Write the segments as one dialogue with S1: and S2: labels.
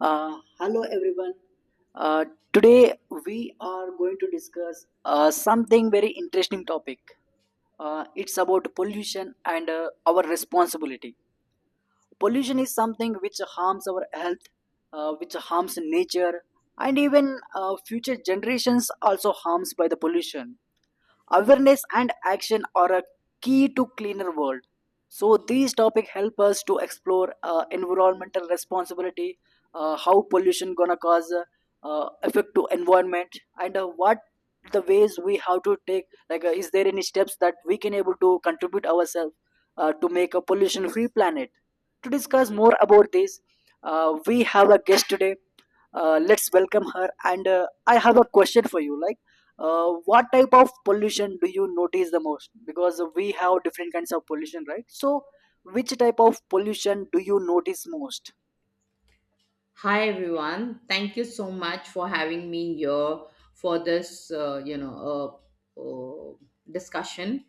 S1: Hello, everyone. Uh, today we are going to discuss something very interesting topic. It's about pollution and our responsibility. Pollution is something which harms our health, which harms nature, and even future generations also harms by the pollution. Awareness and action are a key to cleaner world. So these topic help us to explore environmental responsibility, how pollution gonna cause effect to environment, and what the ways we have to take. Like, is there any steps that we can able to contribute ourselves to make a pollution-free planet? To discuss more about this, we have a guest today. Let's welcome her. And I have a question for you. Like what type of pollution do you notice the most, because we have different kinds of pollution, right? So which type of pollution do you notice most?
S2: Hi everyone. Thank you so much for having me here for this, discussion.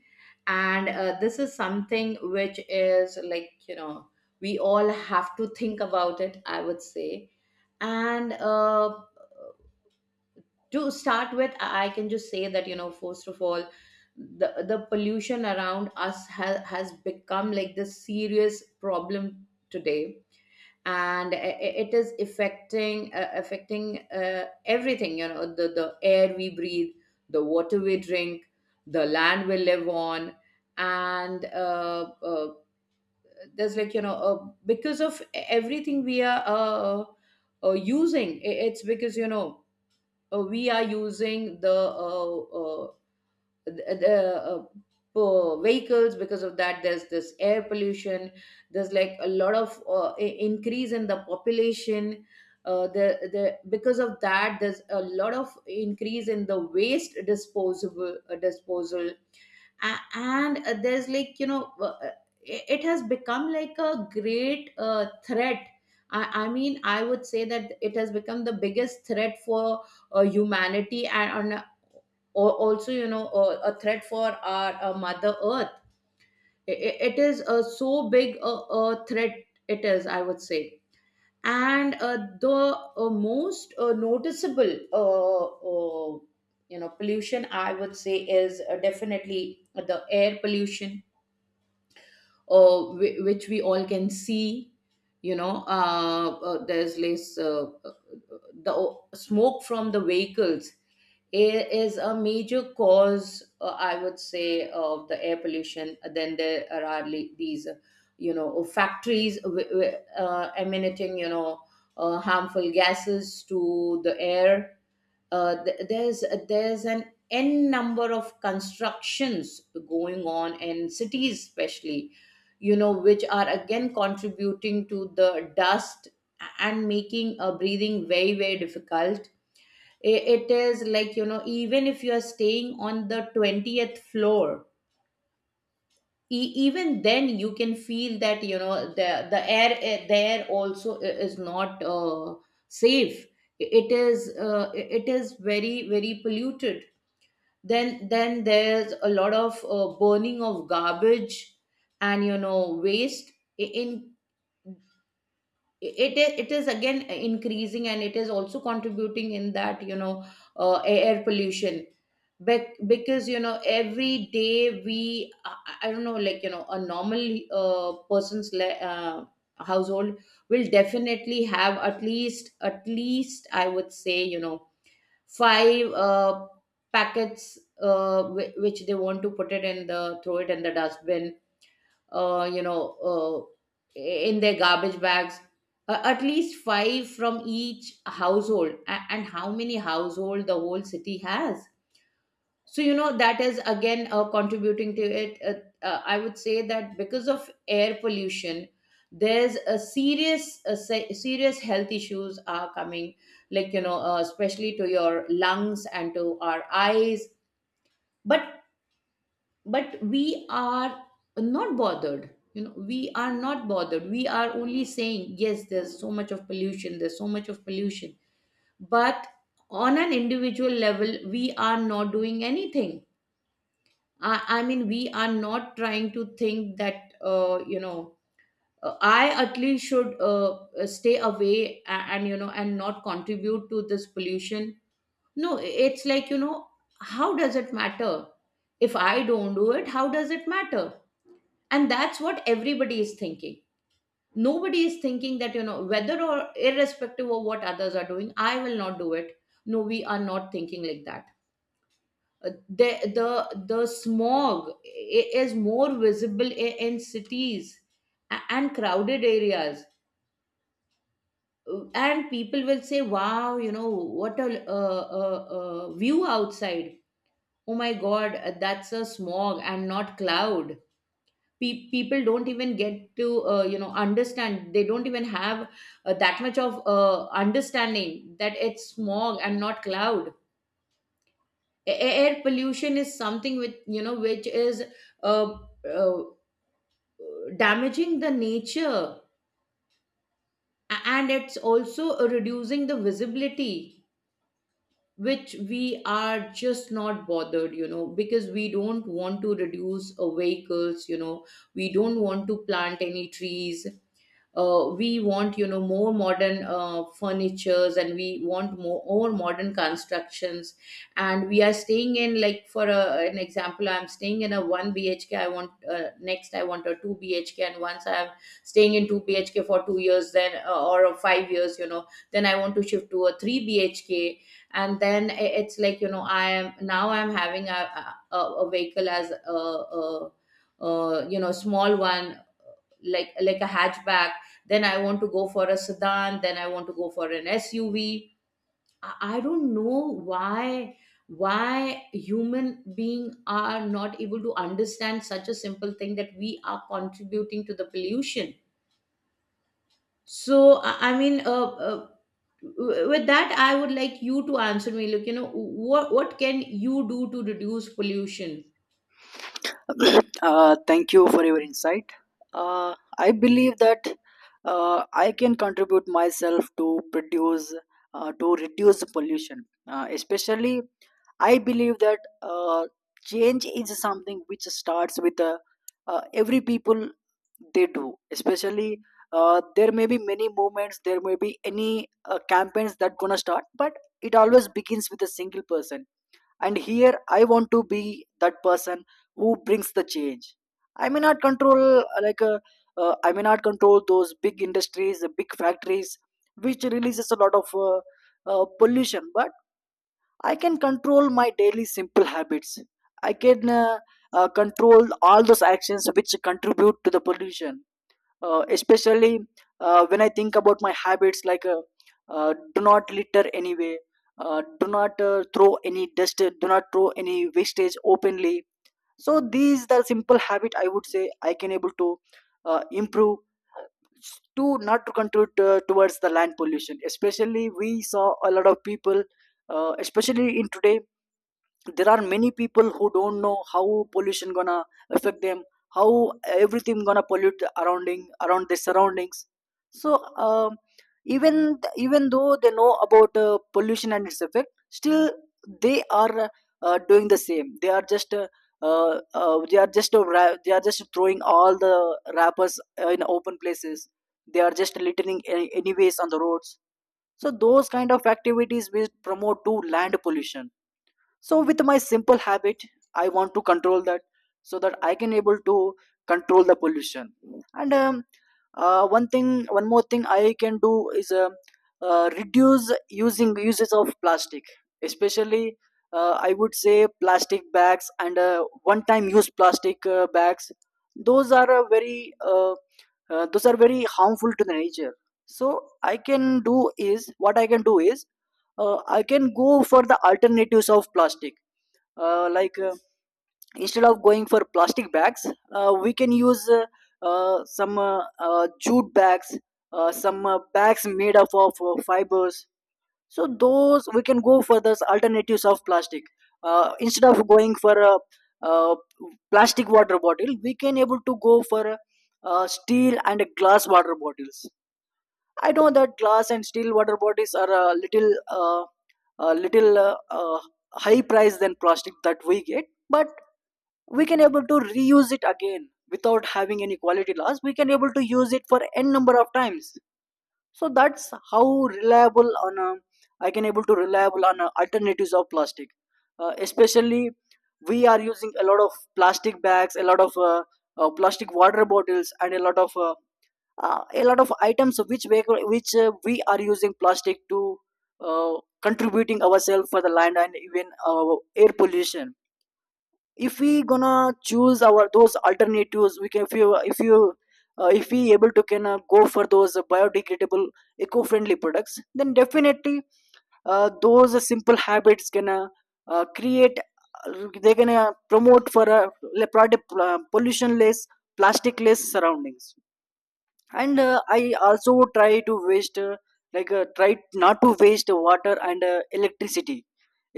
S2: And this is something which is like, we all have to think about it, I would say. And to start with, I can just say that, you know, first of all, the pollution around us has become like this serious problem today, and it is affecting everything, you know, the air we breathe, the water we drink, the land we live on. And there's, like, you know, because of everything we are using— it's because, you know, we are using the vehicles. Because of that there's this air pollution. There's, like, a lot of increase in the population. The Because of that there's a lot of increase in the waste disposable disposal. And there's, like, it has become like a great threat. I mean, I would say that it has become the biggest threat for humanity, and, or also, you know, a threat for our Mother Earth. It is so big a threat, it is, I would say. And the most noticeable pollution, I would say, is definitely the air pollution, which we all can see. You know, there's less— smoke from the vehicles, air, is a major cause, I would say, of the air pollution. Then there are these factories emanating, you know, harmful gases to the air. There's an n number of constructions going on in cities especially, you know, which are again contributing to the dust and making breathing very, very difficult. It is, like, you know, even if you are staying on the 20th floor, even then you can feel that, you know, the air, there also, is not safe. It is very, very polluted. Then there's a lot of burning of garbage and, you know, waste I- in it is again increasing and it is also contributing in that, you know, air pollution. Because, you know, every day we— I don't know, like, you know, a normal person's household will definitely have at least, I would say, you know, five packets, which they want to put it in the throw it in the dustbin, uh, you know, uh, in their garbage bags. At least five from each household. And how many household the whole city has. So, you know, that is again contributing to it. I would say that because of air pollution, there's— a serious a se- serious, health issues are coming, like, you know, especially to your lungs and to our eyes. But but we are not bothered, you know, we are not bothered, we are only saying yes, there's so much of pollution, there's so much of pollution, but on an individual level we are not doing anything. I mean, we are not trying to think that, you know, I at least should stay away, and, you know, and not contribute to this pollution. No, it's, like, you know, how does it matter? If I don't do it, how does it matter? And that's what everybody is thinking. Nobody is thinking that, you know, whether or irrespective of what others are doing, I will not do it. No, we are not thinking like that. Uh, the the the smog is more visible in cities and crowded areas. And people will say, wow, you know, what a view outside. Oh my god, that's a smog and not cloud. People don't even get to you know, understand, they don't even have that much of understanding that it's smog and not cloud. Air pollution is something which, you know, which is uh, uh, damaging the nature, and it's also reducing the visibility, which we are just not bothered, you know, because we don't want to reduce vehicles, you know, we don't want to plant any trees. We want, you know, more modern furnitures, and we want more modern constructions. And we are staying in, like, for an example, I'm staying in a 1 bhk, I want next I want a 2 bhk, and once I'm staying in 2 bhk for 2 years, then or 5 years, you know, then I want to shift to a 3 bhk. And then it's, like, you know, I am now I'm having a vehicle, as a you know, small one, like a hatchback. Then I want to go for a sedan, then I want to go for an SUV. I don't know why, human being are not able to understand such a simple thing, that we are contributing to the pollution. So I mean, with that, I would like you to answer me. Look, you know, what can you do to reduce pollution?
S1: Thank you for your insight. I believe that I can contribute myself to produce, to reduce pollution. Especially, I believe that change is something which starts with every people they do. Especially, there may be many movements, there may be any campaigns that gonna start, but it always begins with a single person. And here I want to be that person who brings the change. I may not control, I may not control those big industries, the big factories, which releases a lot of pollution, but I can control my daily simple habits. I can control all those actions which contribute to the pollution. Especially when I think about my habits, like do not litter anyway, do not throw any dust, do not throw any wastage openly. So these the simple habit, I would say, I can able to improve to not to contribute towards the land pollution. Especially we saw a lot of people, especially in today there are many people who don't know how pollution gonna affect them, how everything gonna pollute surrounding around their surroundings. So even though they know about pollution and its effect, still they are doing the same. They are just they are just they are just throwing all the wrappers in open places. They are just littering anyways on the roads. So those kind of activities will promote to land pollution. So with my simple habit I want to control that, so that I can able to control the pollution. And one more thing I can do is reduce using uses of plastic. Especially I would say plastic bags and one time use plastic bags. Those are a very those are very harmful to the nature. So I can do is what I can do is I can go for the alternatives of plastic. uh, like uh, Instead of going for plastic bags, we can use some jute bags, some bags made up of fibers. So those we can go for those alternatives of plastic. Instead of going for uh, plastic water bottle, we can able to go for steel and glass water bottles. I know that glass and steel water bottles are a little uh, a little uh, uh, high price than plastic that we get, but we can able to reuse it again without having any quality loss. We can able to use it for n number of times. So that's how reliable on I can able to reliable on a alternatives of plastic. Especially we are using a lot of plastic bags, a lot of plastic water bottles, and a lot of items which we are using plastic to uh, contributing ourselves for the land and even air pollution. If we gonna choose our those alternatives, we can, if we able to can go for those biodegradable eco-friendly products, then definitely those simple habits can to create they're gonna promote for a le- product pollution less, plastic less surroundings. And I also try to waste try not to waste water and electricity.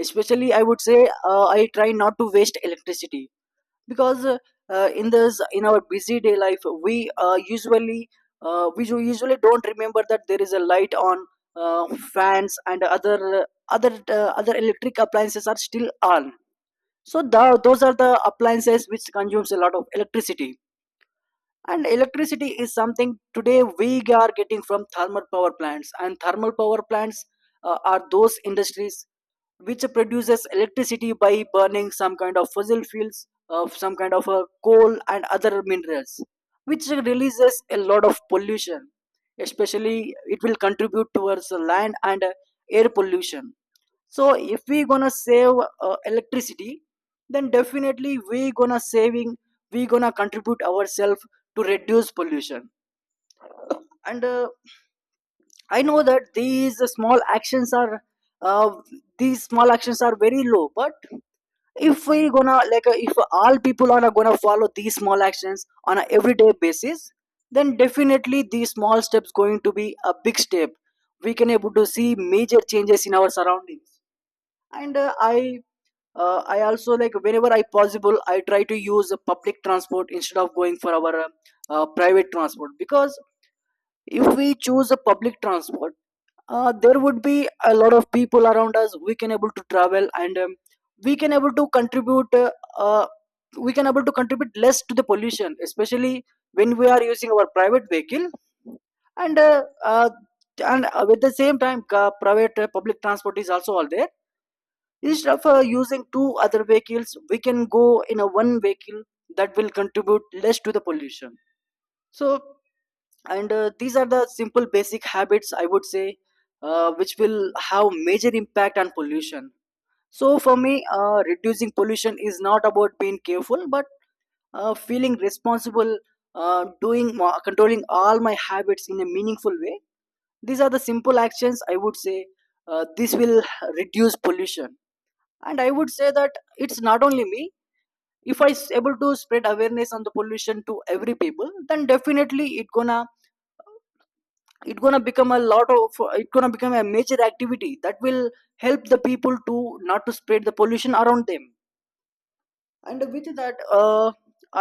S1: Especially, I would say, I try not to waste electricity, because in this, in our busy day life, we usually usually don't remember that there is a light on, uh, fans and other electric appliances are still on. So those are the appliances which consumes a lot of electricity. And electricity is something today we are getting from thermal power plants, and thermal power plants are those industries which produces electricity by burning some kind of fossil fuels, of some kind of coal and other minerals, which releases a lot of pollution. Especially, it will contribute towards the land and air pollution. So if we gonna save electricity, then definitely we gonna saving, we gonna contribute ourselves to reduce pollution. And I know that these small actions are uh, these small actions are very low, but if we gonna, if all people are gonna follow these small actions on a everyday basis, then definitely these small steps going to be a big step. We can able to see major changes in our surroundings. And I also, like, whenever I possible, I try to use a public transport instead of going for our private transport, because if we choose a public transport, there would be a lot of people around us, we can able to travel, and we can able to contribute uh, we can able to contribute less to the pollution, especially when we are using our private vehicle. And with the same time, private public transport is also all there. Instead of using two other vehicles, we can go in a one vehicle. That will contribute less to the pollution. So, and these are the simple basic habits, I would say, which will have major impact on pollution. So for me, reducing pollution is not about being careful, but feeling responsible, controlling all my habits in a meaningful way. These are the simple actions, I would say, this will reduce pollution. And I would say that it's not only me. If I able to spread awareness on the pollution to every people, then definitely it gonna, it gonna become a lot of it gonna become a major activity that will help the people to not to spread the pollution around them. And with that,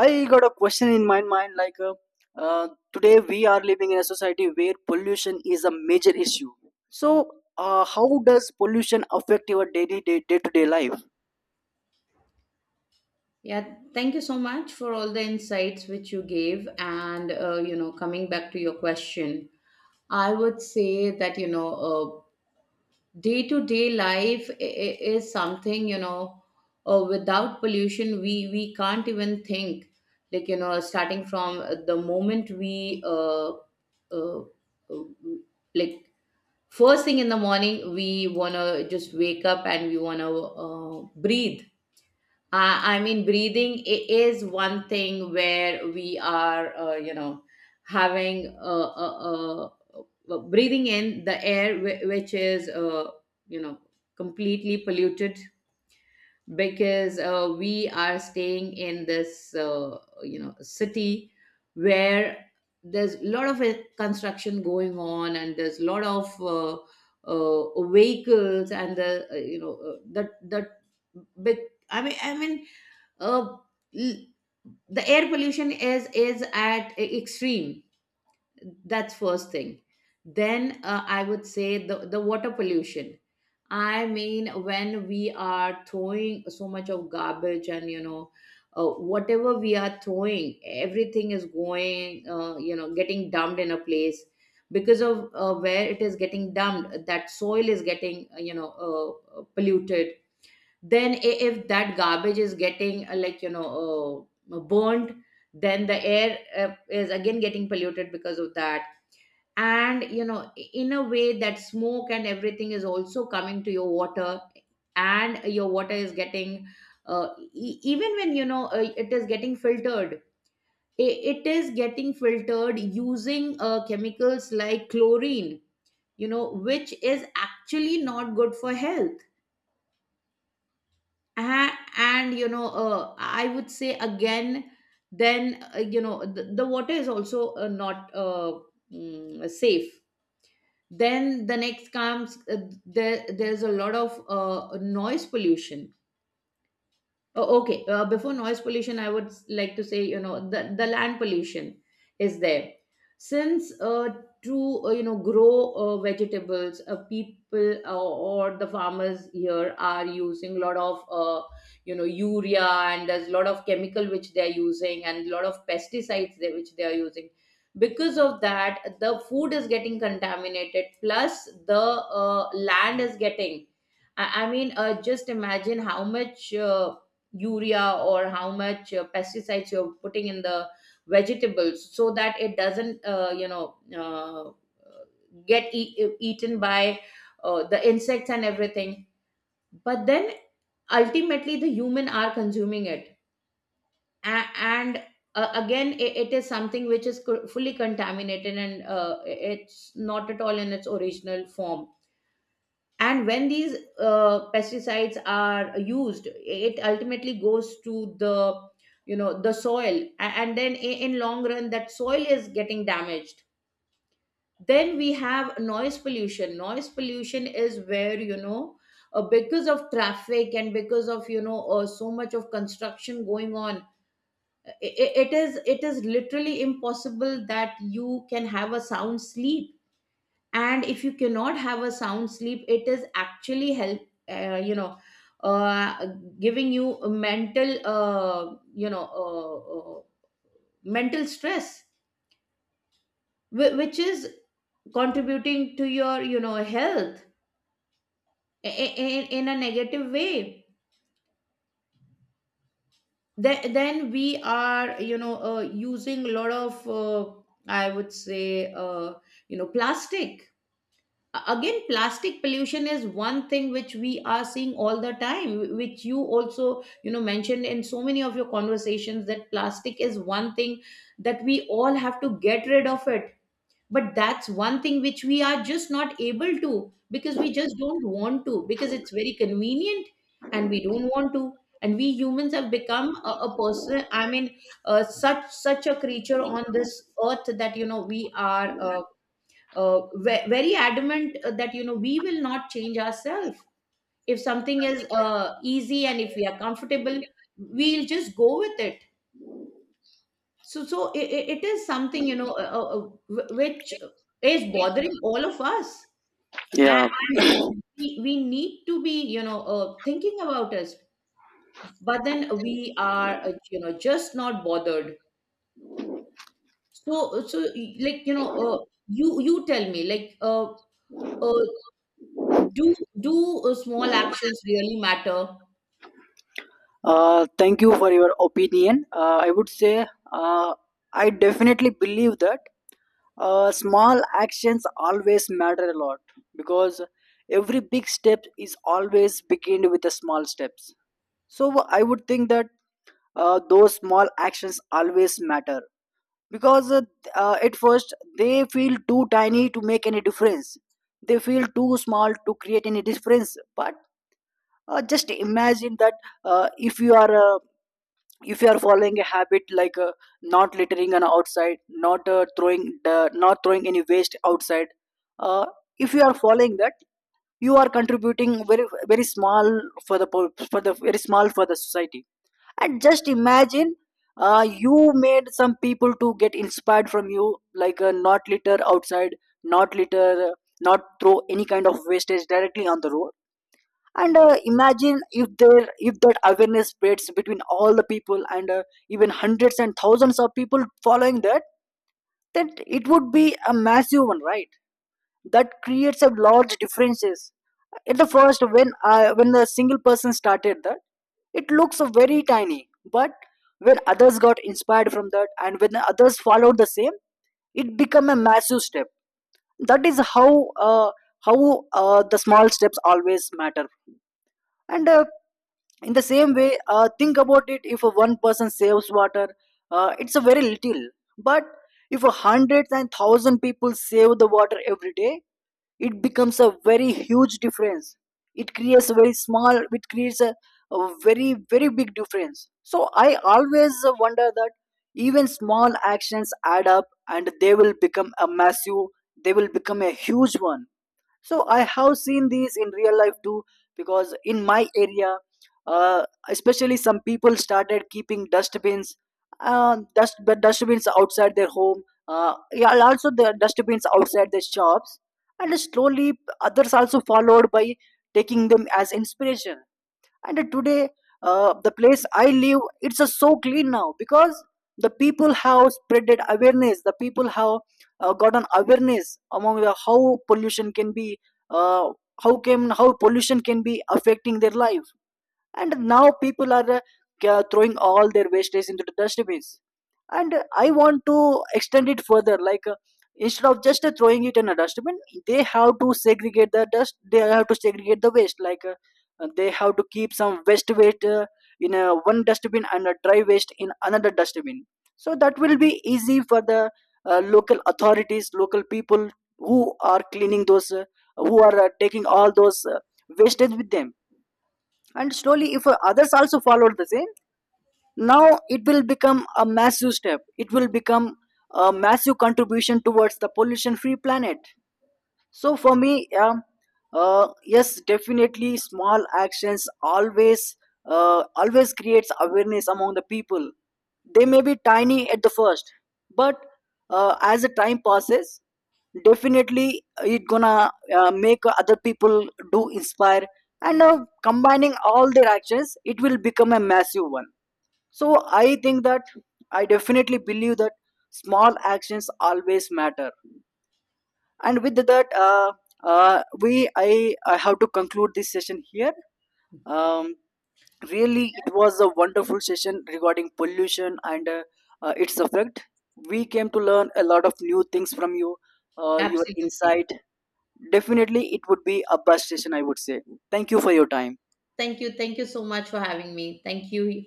S1: I got a question in my mind, like uh, today we are living in a society where pollution is a major issue. So how does pollution affect your daily, day to day life?
S2: Yeah, thank you so much for all the insights which you gave. And, you know, coming back to your question, I would say that, you know, day to day life is something, you know, without pollution, we can't even think. Like, you know, starting from the moment we, uh, uh, like, first thing in the morning, we want to just wake up and we want to breathe. I mean, breathing is one thing where we are, you know, having breathing in the air, which is, you know, completely polluted, because we are staying in this, you know, city, where there's a lot of construction going on and there's a lot of vehicles and the, you know, the big, I mean, I mean, uh, l- the air pollution is at extreme. That's first thing. Then, I would say, the water pollution. I mean, when we are throwing so much of garbage and, you know, whatever we are throwing, everything is going, you know, getting dumped in a place. Because of, where it is getting dumped, that soil is getting, you know, polluted. Then if that garbage is getting, like, you know, burnt, then the air is again getting polluted because of that. And, you know, in a way, that smoke and everything is also coming to your water, and your water is getting, uh, even when, you know, it is getting filtered, it is getting filtered using chemicals like chlorine, you know, which is actually not good for health. And, you know, I would say again, then, you know, the water is also not safe. Then the next comes— there's a lot of noise pollution. Oh, okay. Before noise pollution, I would like to say, you know, the land pollution is there. Since, to, you know, grow vegetables, people or the farmers here are using a lot of, you know, urea, and there's a lot of chemical which they're using, and a lot of pesticides which they are using. Because of that, the food is getting contaminated, plus the land is getting. I mean, just imagine how much. Urea, or how much pesticides you're putting in the vegetables so that it doesn't, you know, get eaten by the insects and everything. But then, ultimately, the human are consuming it. And again, it is something which is fully contaminated, and it's not at all in its original form. And when these pesticides are used, it ultimately goes to the, you know, the soil. And then in long run that soil is getting damaged. Then we have noise pollution. Noise pollution is where, you know, because of traffic and because of, you know, so much of construction going on, it is literally impossible that you can have a sound sleep. And if you cannot have a sound sleep, it is actually help— you know, uh, giving you a mental, you know, mental stress, which is contributing to your, you know, health in a negative way. Then we are, you know, using a lot of I would say, you know, plastic. Again, plastic pollution is one thing which we are seeing all the time, which you also, you know, mentioned in so many of your conversations, that plastic is one thing that we all have to get rid of it. But that's one thing which we are just not able to, because we just don't want to, because it's very convenient, and we don't want to. And we humans have become a person, I mean, such a creature on this earth, that, you know, we are, very adamant, that, you know, we will not change ourselves. If something is easy, and if we are comfortable, we'll just go with it. So it is something, you know, which is bothering all of us. and,
S1: Yeah.
S2: and we need to be, you know, thinking about us. But then we are, you know, just not bothered. So, like, you know, you tell me, like, uh, do do small actions really matter?
S1: Thank you for your opinion. I would say uh, I definitely believe that small actions always matter a lot, because every big step is always begin with the small steps. So I would think that those small actions always matter, because at first they feel too tiny to make any difference. They feel too small to create any difference. But just imagine that uh, if you are uh, if you are following a habit, like not littering on outside, not throwing any waste outside. uh, if you are following that, you are contributing very small for the for the very small for the society. And just imagine you made some people to get inspired from you, like not litter outside, not litter uh, not throw any kind of wastage directly on the road. And imagine if there, if that awareness spreads between all the people, and even hundreds and thousands of people following that, then it would be a massive one, right? That creates a large differences. At the first, when I when the single person started that, it looks very tiny. But when others got inspired from that, and when others followed the same, it become a massive step. That is how uh, how the small steps always matter. And in the same way, think about it, if one person saves water, it's a very little. But if hundreds and thousand people save the water every day, it becomes a very huge difference. It creates a very small, it creates a very big difference. So I always wonder that even small actions add up, and they will become a massive, they will become a huge one. So I have seen these in real life too, because in my area, uh, especially some people started keeping dustbins, dustbins outside their home, yeah, and also the dustbins outside their shops. And slowly others also followed by taking them as inspiration. And today the place I live, it's a so clean now, because the people have spreaded awareness, the people have got an awareness among the, how pollution can be uh, how pollution can be affecting their life. And now people are throwing all their wastage into the dustbins. And I want to extend it further, like instead of just throwing it in a dustbin, they have to segregate the dust, they have to segregate the waste, like they have to keep some waste waste in a one dustbin, and a dry waste in another dustbin. So that will be easy for the local authorities, local people who are cleaning those who are taking all those wastage with them. And slowly if others also followed the same, now it will become a massive step, it will become a massive contribution towards the pollution free planet. So for me, yeah, yes, definitely small actions always always creates awareness among the people. They may be tiny at the first, but as the time passes, definitely it gonna make other people do inspire. And combining all their actions, it will become a massive one. So I think that I definitely believe that small actions always matter. And with that, we I have to conclude this session here. Um, Really, it was a wonderful session regarding pollution and its effect. We came to learn a lot of new things from you, your
S2: Absolutely.
S1: insight. Definitely, it would be a best session, I would say. Thank you for your time.
S2: Thank you, thank you so much for having me. Thank you.